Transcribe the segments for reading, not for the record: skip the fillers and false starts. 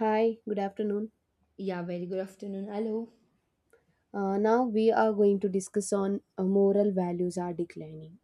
Hi, good afternoon. Yeah, very good afternoon. Hello. Now we are going to discuss on moral values are declining.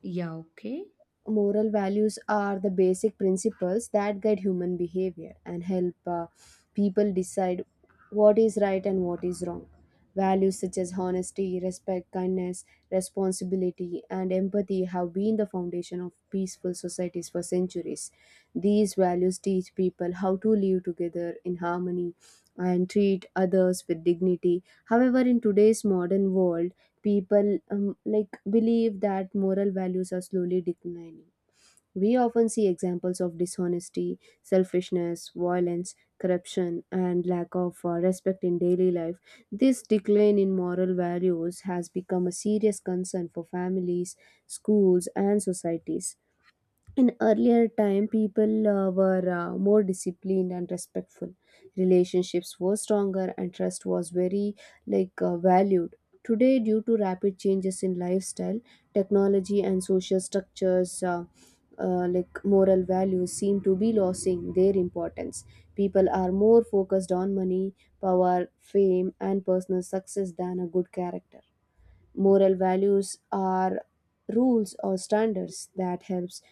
Yeah, okay. Moral values are the basic principles that guide human behavior and help people decide what is right and what is wrong. Values such as honesty, respect, kindness, responsibility, and empathy have been the foundation of peaceful societies for centuries. These values teach people how to live together in harmony and treat others with dignity. However, in today's modern world, people like believe that moral values are slowly declining. We often see examples of dishonesty, selfishness, violence, corruption, and lack of respect in daily life. This decline in moral values has become a serious concern for families, schools, and societies. In earlier time, people were more disciplined and respectful. Relationships were stronger and trust was very like valued. Today, due to rapid changes in lifestyle, technology and social structures, like moral values seem to be losing their importance. People are more focused on money, power, fame and personal success than a good character. Moral values are rules or standards that helps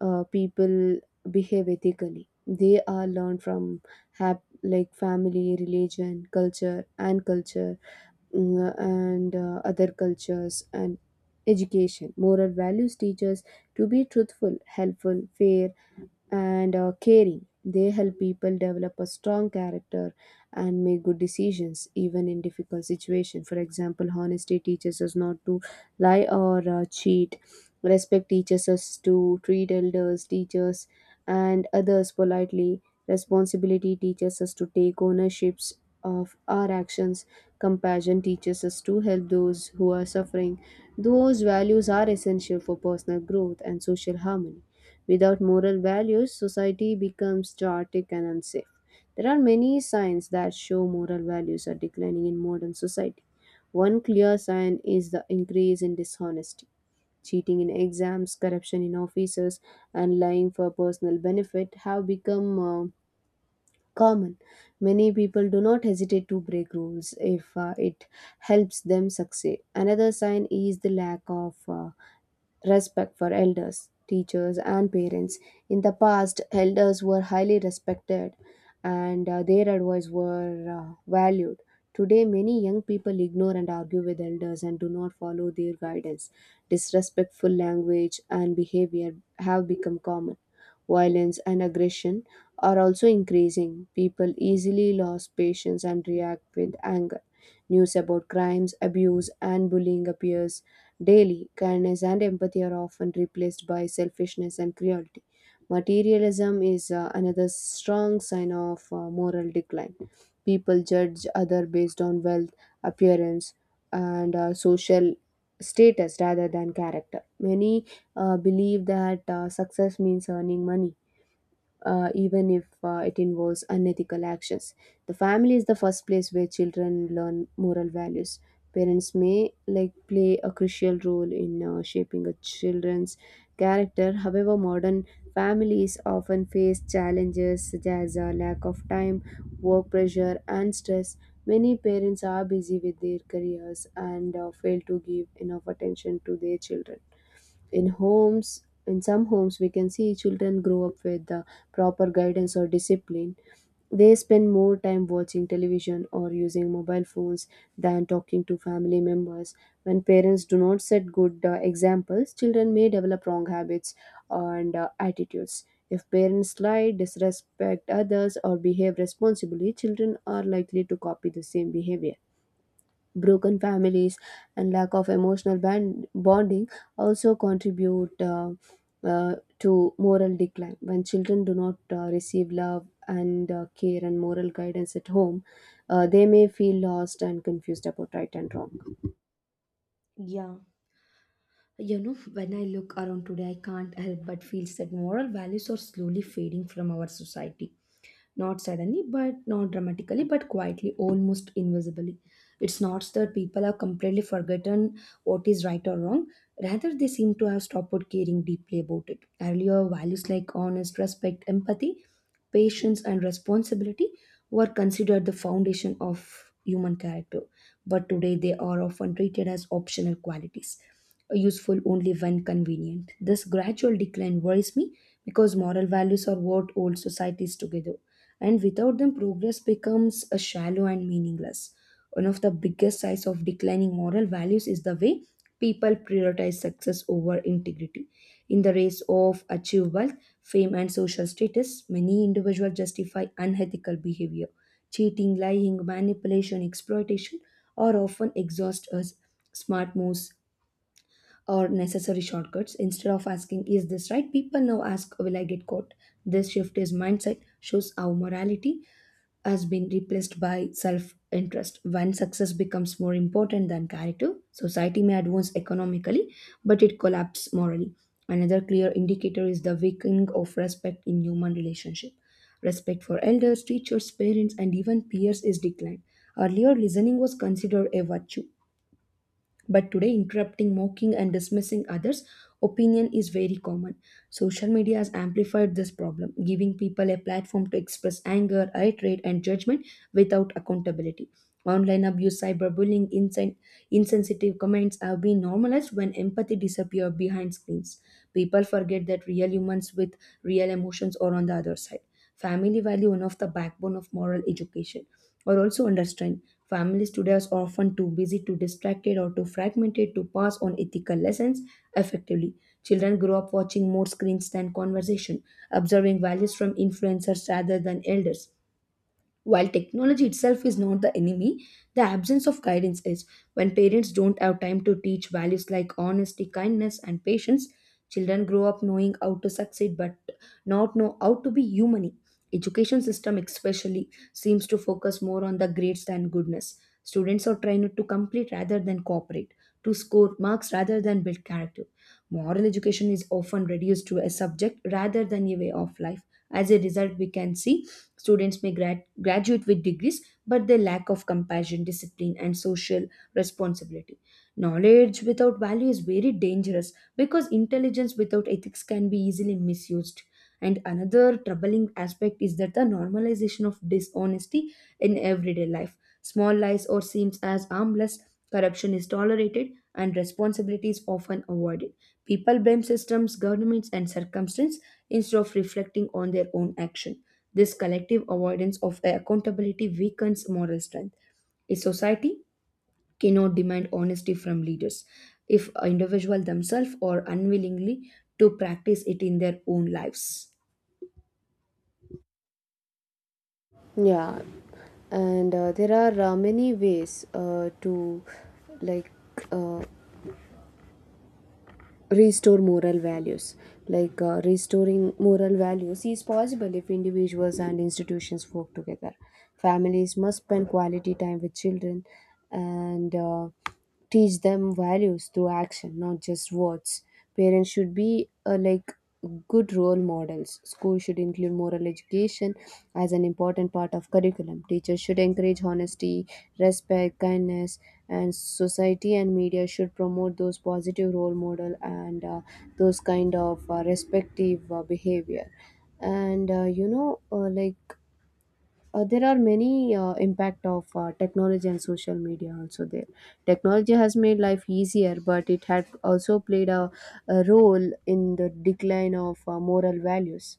people behave ethically. They are learned from like family, religion, culture and culture, and other cultures and education. Moral values teach us to be truthful, helpful, fair and caring. They help people develop a strong character and make good decisions, even in difficult situations. For example, honesty teaches us not to lie or cheat. Respect teaches us to treat elders, teachers, and others politely. Responsibility teaches us to take ownerships of our actions. Compassion teaches us to help those who are suffering. Those values are essential for personal growth and social harmony. Without moral values, society becomes chaotic and unsafe. There are many signs that show moral values are declining in modern society. One clear sign is the increase in dishonesty. Cheating in exams, corruption in offices, and lying for personal benefit have become common. Many people do not hesitate to break rules if it helps them succeed. Another sign is the lack of respect for elders, teachers, and parents. In the past, elders were highly respected and their advice were valued. Today, many young people ignore and argue with elders and do not follow their guidance. Disrespectful language and behavior have become common. Violence and aggression are also increasing. People easily lose patience and react with anger. News about crimes, abuse, and bullying appears daily. Kindness and empathy are often replaced by selfishness and cruelty. Materialism is another strong sign of moral decline. People judge other based on wealth, appearance, and social status rather than character. Many believe that success means earning money, even if it involves unethical actions. The family is the first place where children learn moral values. Parents may like play a crucial role in shaping a children's character. However, modern families often face challenges such as a lack of time, work pressure, and stress. Many parents are busy with their careers and fail to give enough attention to their children in homes. In some homes we can see children grow up with the proper guidance or discipline. They spend more time watching television or using mobile phones than talking to family members. When parents do not set good examples, children may develop wrong habits and attitudes. If parents lie, disrespect others or behave responsibly, children are likely to copy the same behavior. Broken families and lack of emotional bonding also contribute to moral decline. When children do not receive love and care and moral guidance at home, they may feel lost and confused about right and wrong. Yeah. You know, when I look around today, I can't help but feel that moral values are slowly fading from our society. Not suddenly, but not dramatically, but quietly, almost invisibly. It's not that people have completely forgotten what is right or wrong. Rather, they seem to have stopped caring deeply about it. Earlier, values like honest respect, empathy, patience, and responsibility were considered the foundation of human character. But today, they are often treated as optional qualities, useful only when convenient. This gradual decline worries me because moral values are what hold societies together, and without them progress becomes a shallow and meaningless one of the biggest signs of declining moral values is the way people prioritize success over integrity. In the race of achieve wealth, fame, and social status, many individuals justify unethical behavior. Cheating, lying, manipulation, exploitation are often exhaust us smart moves or necessary shortcuts. Instead of asking is this right, people now ask will I get caught. This shift is mindset shows our morality has been replaced by self interest. When success becomes more important than character, society may advance economically, but it collapses morally. Another clear indicator is the weakening of respect in human relationship. Respect for elders, teachers, parents, and even peers is declined. Earlier, listening was considered a virtue, but today, interrupting, mocking, and dismissing others' opinion is very common. Social media has amplified this problem, giving people a platform to express anger, hatred, and judgment without accountability. Online abuse, cyberbullying, insensitive comments have been normalized when empathy disappears behind screens. People forget that real humans with real emotions are on the other side. Family value one of the backbone of moral education or also understand families today are often too busy, too distracted, or too fragmented to pass on ethical lessons effectively. Children grow up watching more screens than conversation, observing values from influencers rather than elders. While technology itself is not the enemy, the absence of guidance is. When parents don't have time to teach values like honesty, kindness, and patience, children grow up knowing how to succeed but not know how to be human. Education system especially seems to focus more on the grades than goodness. Students are trained to complete rather than cooperate, to score marks rather than build character. Moral education is often reduced to a subject rather than a way of life. As a result, we can see students may graduate with degrees, but they lack of compassion, discipline, and social responsibility. Knowledge without value is very dangerous because intelligence without ethics can be easily misused. And another troubling aspect is that the normalization of dishonesty in everyday life. Small lies or seems as harmless, corruption is tolerated, and responsibility is often avoided. People blame systems, governments, and circumstances instead of reflecting on their own action. This collective avoidance of accountability weakens moral strength. A society cannot demand honesty from leaders if individuals themselves are unwillingly to practice it in their own lives. Yeah, and there are many ways to like uh, restore moral values. Like, restoring moral values is possible if individuals and institutions work together. Families must spend quality time with children and teach them values through action, not just words. Parents should be like good role models. Schools should include moral education as an important part of curriculum. Teachers should encourage honesty, respect, kindness, and society and media should promote those positive role model and those kind of respective behavior. And you know, like there are many impact of technology and social media also there. Technology has made life easier, but it had also played a role in the decline of moral values.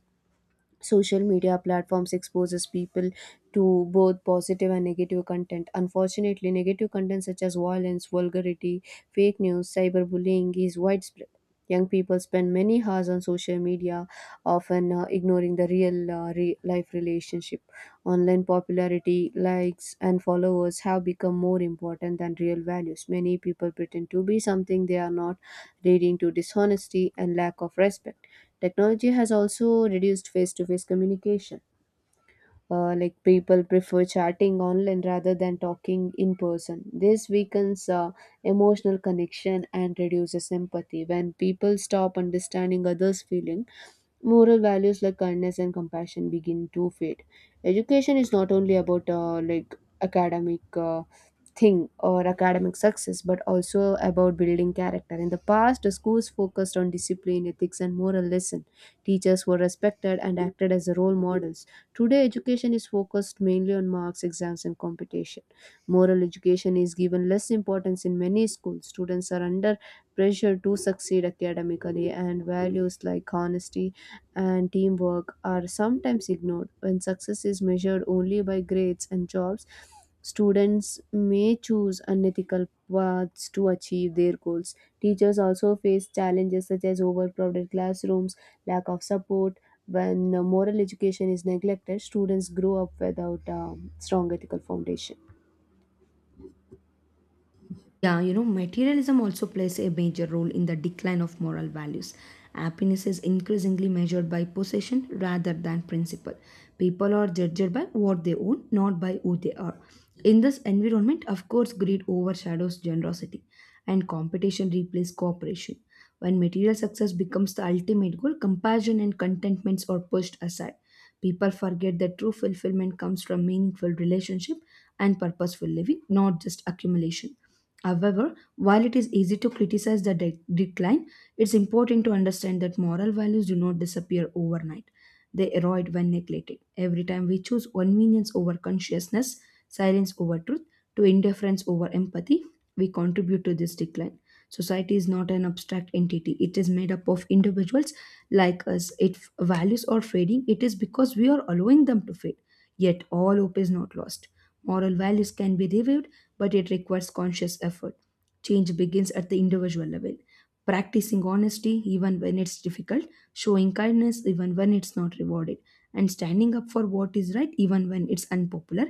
Social media platforms exposes people to both positive and negative content. Unfortunately, negative content such as violence, vulgarity, fake news, cyberbullying is widespread. Young people spend many hours on social media, often ignoring the real life relationship. Online popularity, likes, and followers have become more important than real values. Many people pretend to be something they are not, leading to dishonesty and lack of respect. Technology has also reduced face to face communication. Like, people prefer chatting online rather than talking in person. This weakens emotional connection and reduces empathy. When people stop understanding others' feeling, moral values like kindness and compassion begin to fade. Education is not only about like academic thing or academic success, but also about building character. In the past, the schools focused on discipline, ethics and moral lesson. Teachers were respected and acted as role models. Today, education is focused mainly on marks, exams and competition. Moral education is given less importance in many schools. Students are under pressure to succeed academically, and values like honesty and teamwork are sometimes ignored. When success is measured only by grades and jobs, students may choose unethical paths to achieve their goals. Teachers also face challenges such as overcrowded classrooms, lack of support. When moral education is neglected, students grow up without strong ethical foundation. Yeah, you know, materialism also plays a major role in the decline of moral values. Happiness is increasingly measured by possession rather than principle. People are judged by what they own, not by who they are. In this environment, of course, greed overshadows generosity and competition replaces cooperation. When material success becomes the ultimate goal, compassion and contentments are pushed aside. People forget that true fulfillment comes from meaningful relationship and purposeful living, not just accumulation. However, while it is easy to criticize the decline, it's important to understand that moral values do not disappear overnight. They erode when neglected. Every time we choose convenience over consciousness, silence over truth, to indifference over empathy, we contribute to this decline. Society is not an abstract entity, it is made up of individuals like us. If values are fading, it is because we are allowing them to fade. Yet, all hope is not lost. Moral values can be revived, but it requires conscious effort. Change begins at the individual level. Practicing honesty even when it's difficult, showing kindness even when it's not rewarded, and standing up for what is right even when it's unpopular.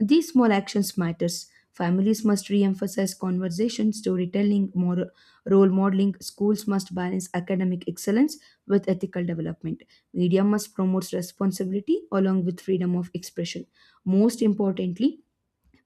These small actions matters. Families must re-emphasize conversation, storytelling, moral, role modeling. Schools must balance academic excellence with ethical development. Media must promote responsibility along with freedom of expression. Most importantly,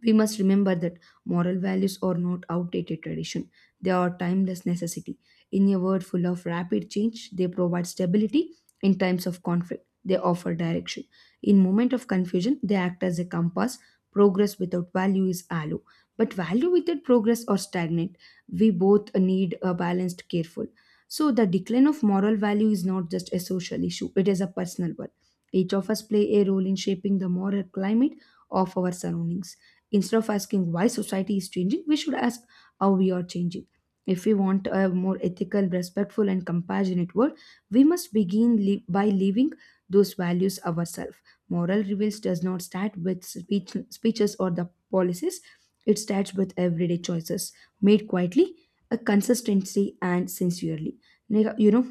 we must remember that moral values are not outdated tradition, they are timeless necessity. In a world full of rapid change, they provide stability. In times of conflict, they offer direction. In moment of confusion, they act as a compass. Progress without value is hollow, but value without progress or stagnant. We both need a balanced, careful. So the decline of moral value is not just a social issue; it is a personal one. Each of us play a role in shaping the moral climate of our surroundings. Instead of asking why society is changing, we should ask how we are changing. If we want a more ethical, respectful, and compassionate world, we must begin by living those values ourselves. Moral reveals does not start with speeches or the policies, it starts with everyday choices made quietly, a consistency, and sincerely. You know,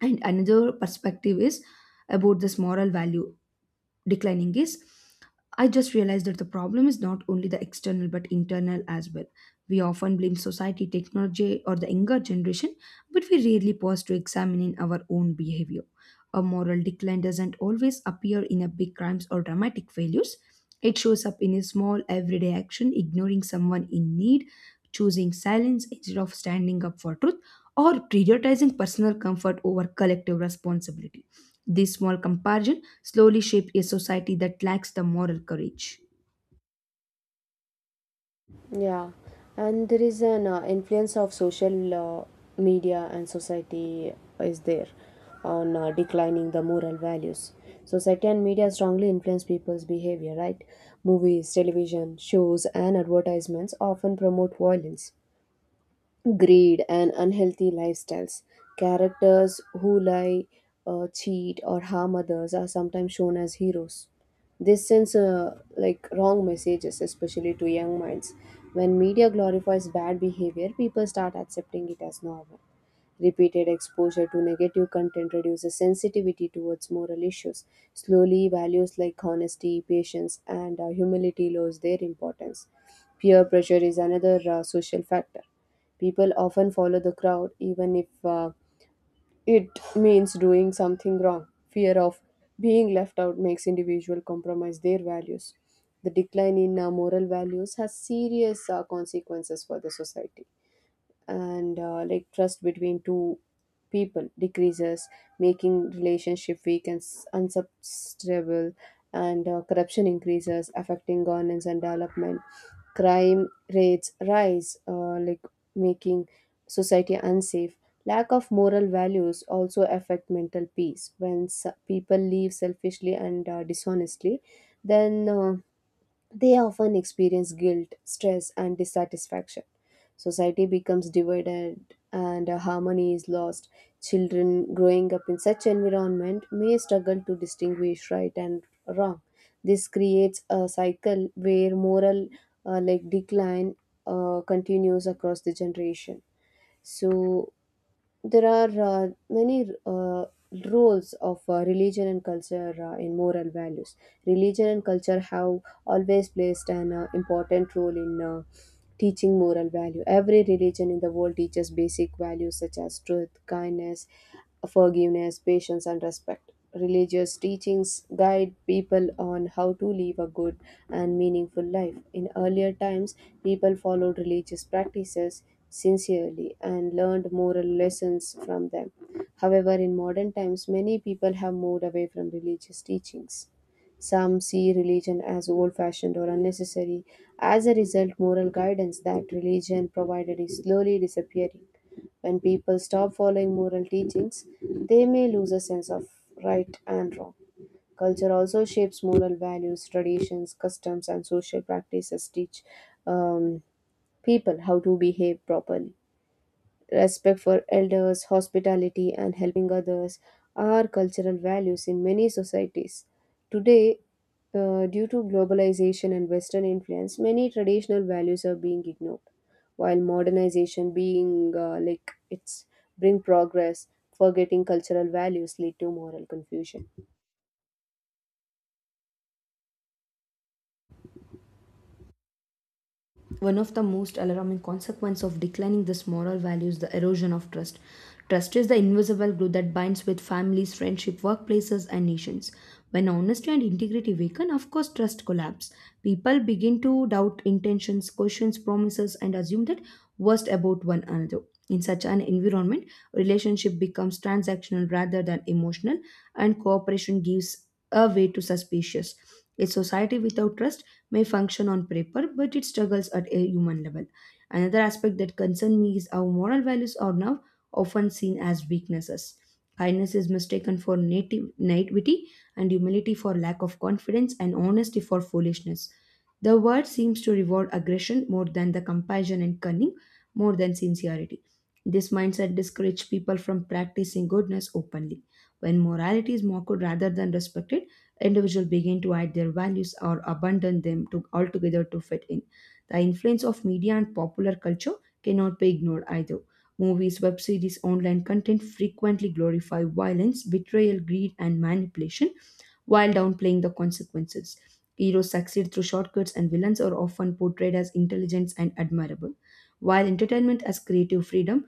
and another perspective is about this moral value declining is I just realized that the problem is not only the external but internal as well. We often blame society, technology, or the younger generation, but we rarely pause to examine in our own behavior. A moral decline doesn't always appear in a big crimes or dramatic failures. It shows up in a small everyday action, ignoring someone in need, choosing silence instead of standing up for truth, or prioritizing personal comfort over collective responsibility. This small comparison slowly shaped a society that lacks the moral courage. Yeah, and there is an influence of social media and society is there on declining the moral values. Society and media strongly influence people's behavior, right? Movies, television, shows, and advertisements often promote violence, greed and unhealthy lifestyles. Characters who lie, cheat, or harm others are sometimes shown as heroes. This sends like wrong messages, especially to young minds. When media glorifies bad behavior, people start accepting it as normal. Repeated exposure to negative content reduces sensitivity towards moral issues. Slowly, values like honesty, patience, and humility lose their importance. Peer pressure is another social factor. People often follow the crowd even if it means doing something wrong. Fear of being left out makes individuals compromise their values. The decline in moral values has serious consequences for the society, and like trust between two people decreases, making relationship weak and unsustainable, and corruption increases, affecting governance and development. Crime rates rise, like making society unsafe. Lack of moral values also affect mental peace. When people live selfishly and dishonestly, then they often experience guilt, stress, and dissatisfaction. Society becomes divided and harmony is lost. Children growing up in such environment may struggle to distinguish right and wrong. This creates a cycle where moral like decline continues across the generation. So there are many roles of religion and culture in moral values. Religion and culture have always placed an important role in teaching moral value. Every religion in the world teaches basic values such as truth, kindness, forgiveness, patience, and respect. Religious teachings guide people on how to live a good and meaningful life. In earlier times, people followed religious practices sincerely and learned moral lessons from them. However, in modern times, many people have moved away from religious teachings. Some see religion as old fashioned or unnecessary. As a result, moral guidance that religion provided is slowly disappearing. When people stop following moral teachings, they may lose a sense of right and wrong. Culture also shapes moral values, traditions, customs, and social practices teach um, people how to behave properly. Respect for elders, hospitality, and helping others are cultural values in many societies. Today, due to globalization and Western influence, many traditional values are being ignored. While modernization being like it's bring progress, forgetting cultural values lead to moral confusion. One of the most alarming consequences of declining this moral value is the erosion of trust. Trust is the invisible glue that binds with families, friendship, workplaces, and nations. When honesty and integrity weaken, of course, trust collapses. People begin to doubt intentions, question promises, and assume that worst about one another. In such an environment, relationship becomes transactional rather than emotional, and cooperation gives a way to suspicious. A society without trust may function on paper, but it struggles at a human level. Another aspect that concerns me is how moral values are now often seen as weaknesses. Kindness is mistaken for native naivety, and humility for lack of confidence, and honesty for foolishness. The world seems to reward aggression more than the compassion and cunning, more than sincerity. This mindset discourages people from practicing goodness openly. When morality is mocked rather than respected, individuals begin to hide their values or abandon them to, altogether to fit in. The influence of media and popular culture cannot be ignored either. Movies, web series, online content frequently glorify violence, betrayal, greed, and manipulation while downplaying the consequences. Heroes succeed through shortcuts, and villains are often portrayed as intelligent and admirable. While entertainment has creative freedom,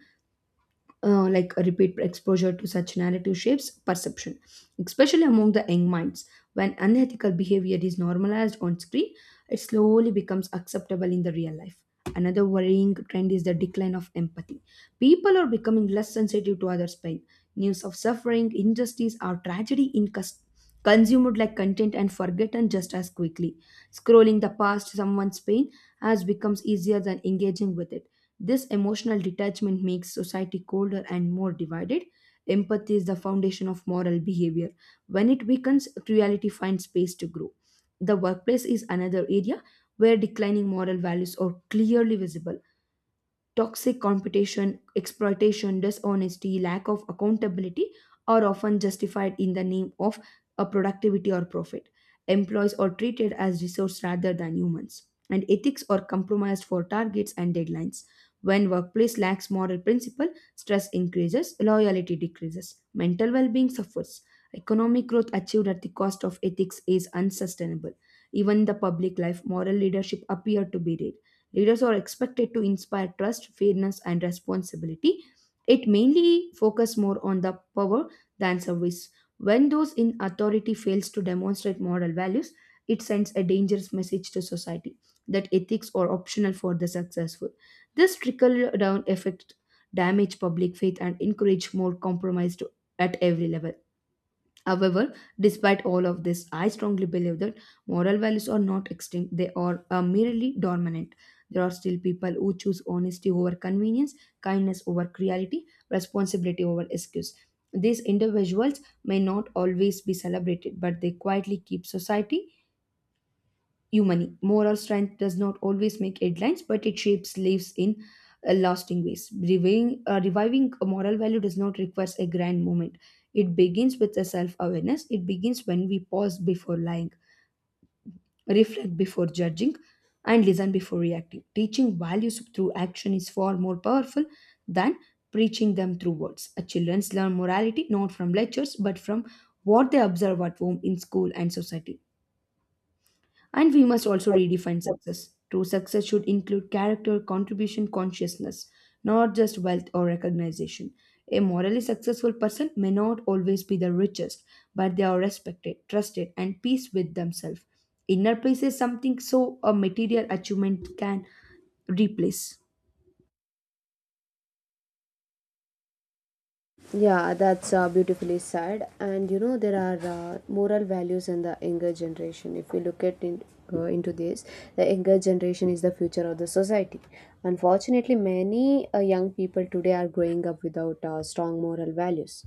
like a repeat exposure to such narrative shapes perception, especially among the young minds. When unethical behavior is normalized on screen, it slowly becomes acceptable in the real life. Another worrying trend is the decline of empathy. People are becoming less sensitive to others' pain. News of suffering, injustice, or tragedy in consumed like content and forgotten just as quickly. Scrolling the past someone's pain has becomes easier than engaging with it. This emotional detachment makes society colder and more divided. Empathy is the foundation of moral behavior. When it weakens, cruelty finds space to grow. The workplace is another area where declining moral values are clearly visible. Toxic competition, exploitation, dishonesty, lack of accountability are often justified in the name of a productivity or profit. Employees are treated as resource rather than humans, and ethics are compromised for targets and deadlines. When workplace lacks moral principle, stress increases, loyalty decreases, mental well-being suffers. Economic growth achieved at the cost of ethics is unsustainable. Even in the public life, moral leadership appeared to be rare. Leaders are expected to inspire trust, fairness, and responsibility. It mainly focuses more on the power than service. When those in authority fails to demonstrate moral values, it sends a dangerous message to society that ethics are optional for the successful. This trickle down effect damage public faith and encourage more compromise to, at every level. However, despite all of this, I strongly believe that moral values are not extinct, they are merely dormant. There are still people who choose honesty over convenience, kindness over cruelty, responsibility over excuse. These individuals may not always be celebrated, but they quietly keep society human. Moral strength does not always make headlines, but it shapes lives in lasting ways. Reviving a moral value does not require a grand moment. It begins with a self-awareness. It begins when we pause before lying, reflect before judging, and listen before reacting. Teaching values through action is far more powerful than preaching them through words. Children learn morality not from lectures but from what they observe at home, in school, and society. And we must also redefine success. True success should include character, contribution, consciousness, not just wealth or recognition. A morally successful person may not always be the richest, but they are respected, trusted, and peace with themselves. Inner peace is something so a material achievement can replace. Yeah, that's beautifully said. And you know, there are moral values in the younger generation. If we look at in, into this, the younger generation is the future of the society. Unfortunately, many young people today are growing up without strong moral values.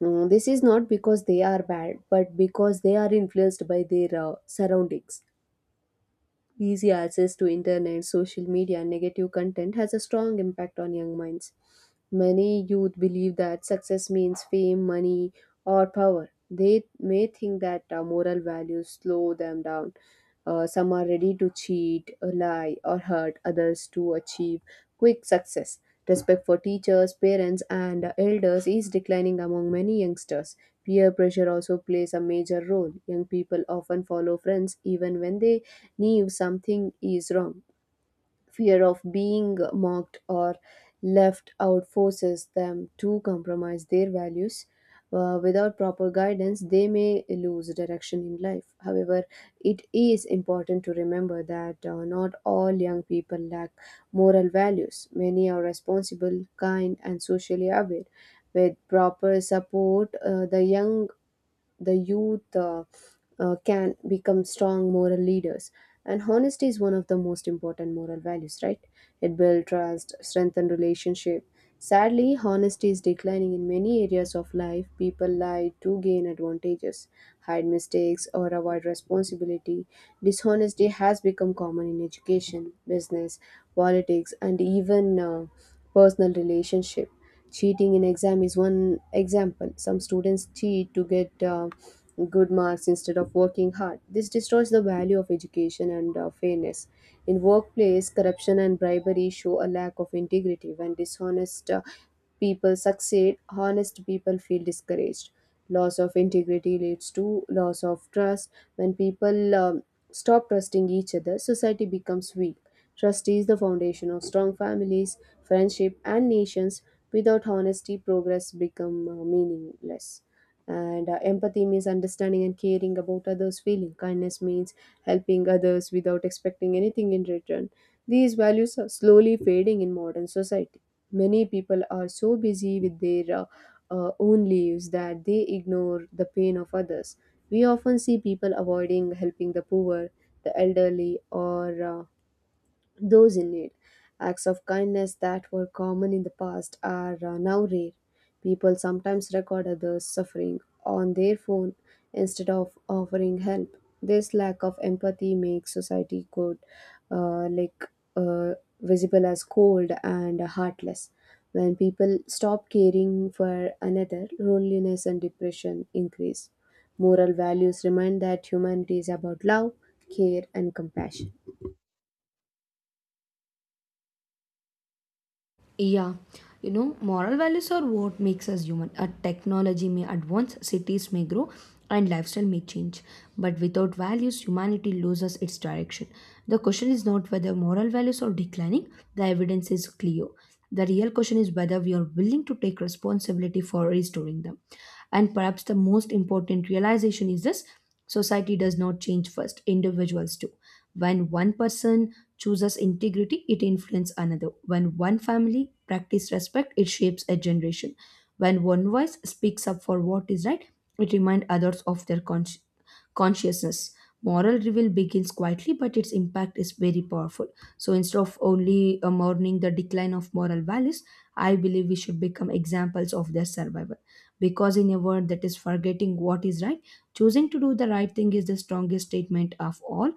Mm, this is not because they are bad, but because they are influenced by their surroundings. Easy access to internet, social media, and negative content has a strong impact on young minds. Many youth believe that success means fame, money, or power. They may think that moral values slow them down. Some are ready to cheat, lie, or hurt others to achieve quick success. Respect for teachers, parents, and elders is declining among many youngsters. Peer pressure also plays a major role. Young people often follow friends even when they knew something is wrong. Fear of being mocked or left out forces them to compromise their values. Without proper guidance, they may lose direction in life. However, it is important to remember that not all young people lack moral values. Many are responsible, kind, and socially aware. With proper support, the youth can become strong moral leaders. And honesty is one of the most important moral values, right? It builds trust, strengthens relationship. Sadly, honesty is declining in many areas of life. People lie to gain advantages, hide mistakes, or avoid responsibility. Dishonesty has become common in education, business, politics, and even personal relationship. Cheating in exam is one example. Some students cheat to get good marks instead of working hard. This destroys the value of education and fairness. In workplace, corruption and bribery show a lack of integrity. When dishonest people succeed, honest people feel discouraged. Loss of integrity leads to loss of trust. When people stop trusting each other, society becomes weak. Trust is the foundation of strong families, friendship, and nations. Without honesty, progress becomes meaningless. And Empathy means understanding and caring about others' feeling. Kindness means helping others without expecting anything in return. These values are slowly fading in modern society. Many people are so busy with their own lives that they ignore the pain of others. We often see people avoiding helping the poor, the elderly, or those in need, acts of kindness that were common in the past, are now rare. People sometimes record others' suffering on their phone instead of offering help. This lack of empathy makes society good, uh, like uh, visible as cold and heartless. When people stop caring for another, loneliness and depression increase. Moral values remind that humanity is about love, care, and compassion. Yeah, you know, moral values are what makes us human. A technology may advance, cities may grow, and lifestyle may change. But without values, humanity loses its direction. The question is not whether moral values are declining, the evidence is clear. The real question is whether we are willing to take responsibility for restoring them. And perhaps the most important realization is this: society does not change first, individuals do. When one person chooses integrity, it influences another. When one family practices respect, it shapes a generation. When one voice speaks up for what is right, it reminds others of their consciousness. Moral reveal begins quietly, but its impact is very powerful. So instead of only mourning the decline of moral values, I believe we should become examples of their survival. Because in a world that is forgetting what is right, choosing to do the right thing is the strongest statement of all.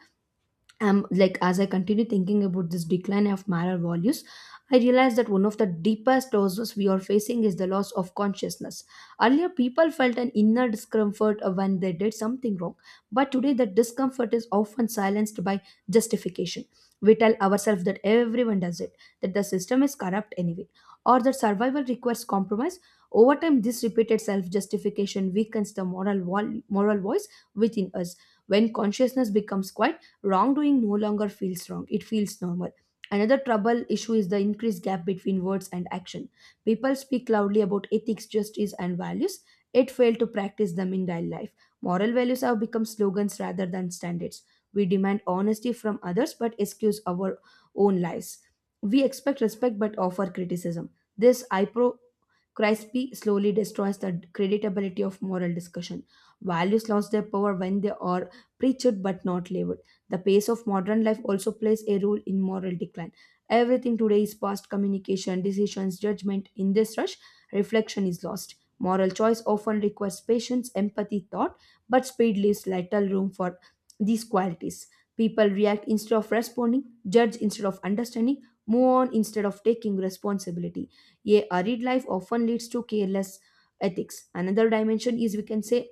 Like, as I continue thinking about this decline of moral values, I realize that one of the deepest losses we are facing is the loss of consciousness. Earlier, people felt an inner discomfort when they did something wrong, but today that discomfort is often silenced by justification. We tell ourselves that everyone does it, that the system is corrupt anyway, or that survival requires compromise. Over time, this repeated self justification weakens the moral voice within us. When consciousness becomes quiet, wrongdoing no longer feels wrong, it feels normal. Another trouble issue is the increased gap between words and action. People speak loudly about ethics, justice, and values, yet fail to practice them in daily life. Moral values have become slogans rather than standards. We demand honesty from others but excuse our own lies. We expect respect but offer criticism. This hypocrisy slowly destroys the creditability of moral discussion. Values lost their power when they are preached but not lived. The pace of modern life also plays a role in moral decline. Everything today is fast: communication, decisions, judgment. In this rush, reflection is lost. Moral choice often requires patience, empathy, thought, but speed leaves little room for these qualities. People react instead of responding, judge instead of understanding, move on instead of taking responsibility. A hurried life often leads to careless ethics. Another dimension is, we can say,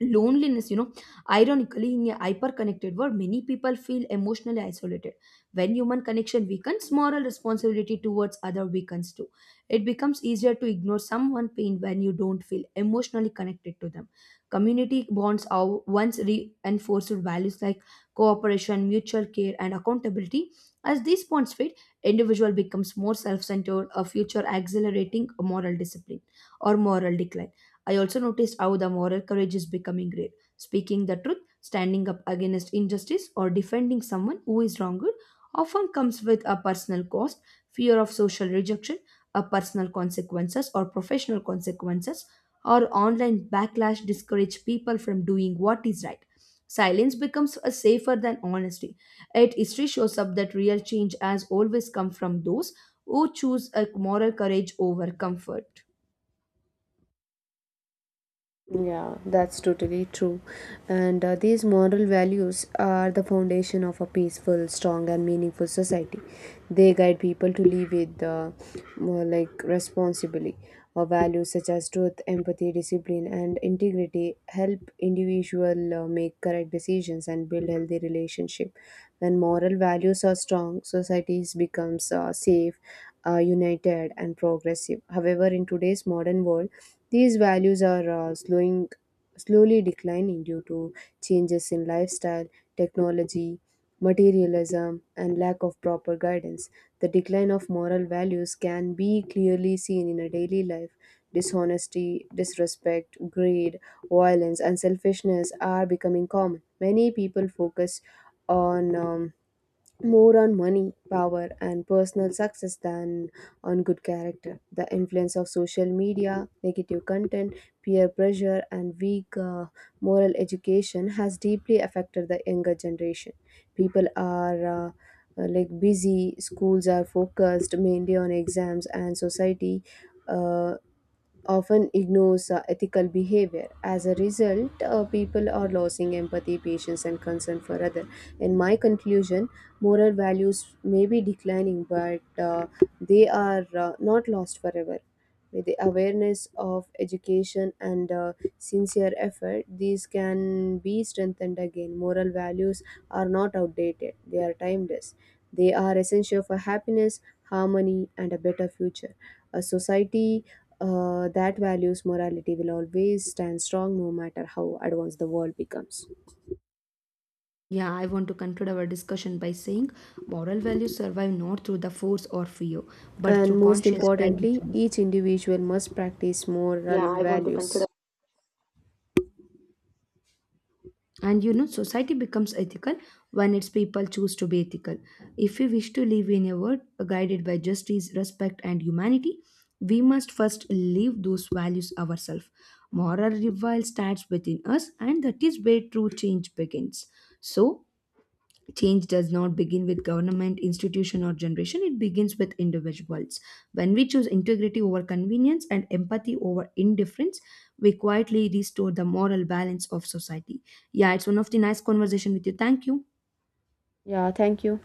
loneliness, you know. Ironically, in a hyper-connected world, many people feel emotionally isolated. When human connection weakens, moral responsibility towards other weakens too. It becomes easier to ignore someone's pain when you don't feel emotionally connected to them. Community bonds are once reinforced with values like cooperation, mutual care, and accountability. As these bonds fade, individual becomes more self-centered, a future accelerating moral discipline or moral decline. I also noticed how the moral courage is becoming rare. Speaking the truth, standing up against injustice, or defending someone who is wronged often comes with a personal cost. Fear of social rejection, a personal consequences or professional consequences, or online backlash discourage people from doing what is right. Silence becomes a safer than honesty. Yet history shows up that real change has always come from those who choose a moral courage over comfort. Yeah, that's totally true. And These moral values are the foundation of a peaceful, strong, and meaningful society. They guide people to live with more like responsibly. Values such as truth, empathy, discipline, and integrity help individual make correct decisions and build healthy relationship. When moral values are strong, societies becomes safe, united, and progressive. However, in today's modern world these values are slowly declining due to changes in lifestyle, technology, materialism, and lack of proper guidance. The decline of moral values can be clearly seen in a daily life. Dishonesty, disrespect, greed, violence, and selfishness are becoming common. Many people focus on more on money, power, and personal success than on good character. The influence of social media, negative content, peer pressure, and weak moral education has deeply affected the younger generation. People are like busy, schools are focused mainly on exams, and society. Uh, often ignores ethical behavior. As a result, people are losing empathy, patience, and concern for others. In my conclusion, moral values may be declining, but they are not lost forever. With the awareness of education and sincere effort, these can be strengthened again. Moral values are not outdated, they are timeless. They are essential for happiness, harmony, and a better future. A society that values morality will always stand strong no matter how advanced the world becomes. Yeah, I want to conclude our discussion by saying moral values survive not through the force or fear, but through And most conscious daily importantly, choice. each individual must practice. Yeah, moral. Yeah, I want to consider. Values. Consider. And you know, society becomes ethical when its people choose to be ethical. If we wish to live in a world guided by justice, respect, and humanity, we must first live those values ourselves. Moral revival starts within us, and that is where true change begins. So, change does not begin with government institution or generation, it begins with individuals. When we choose integrity over convenience and empathy over indifference, we quietly restore the moral balance of society. Yeah, it's one of the nice conversation with you, thank you. Yeah, thank you.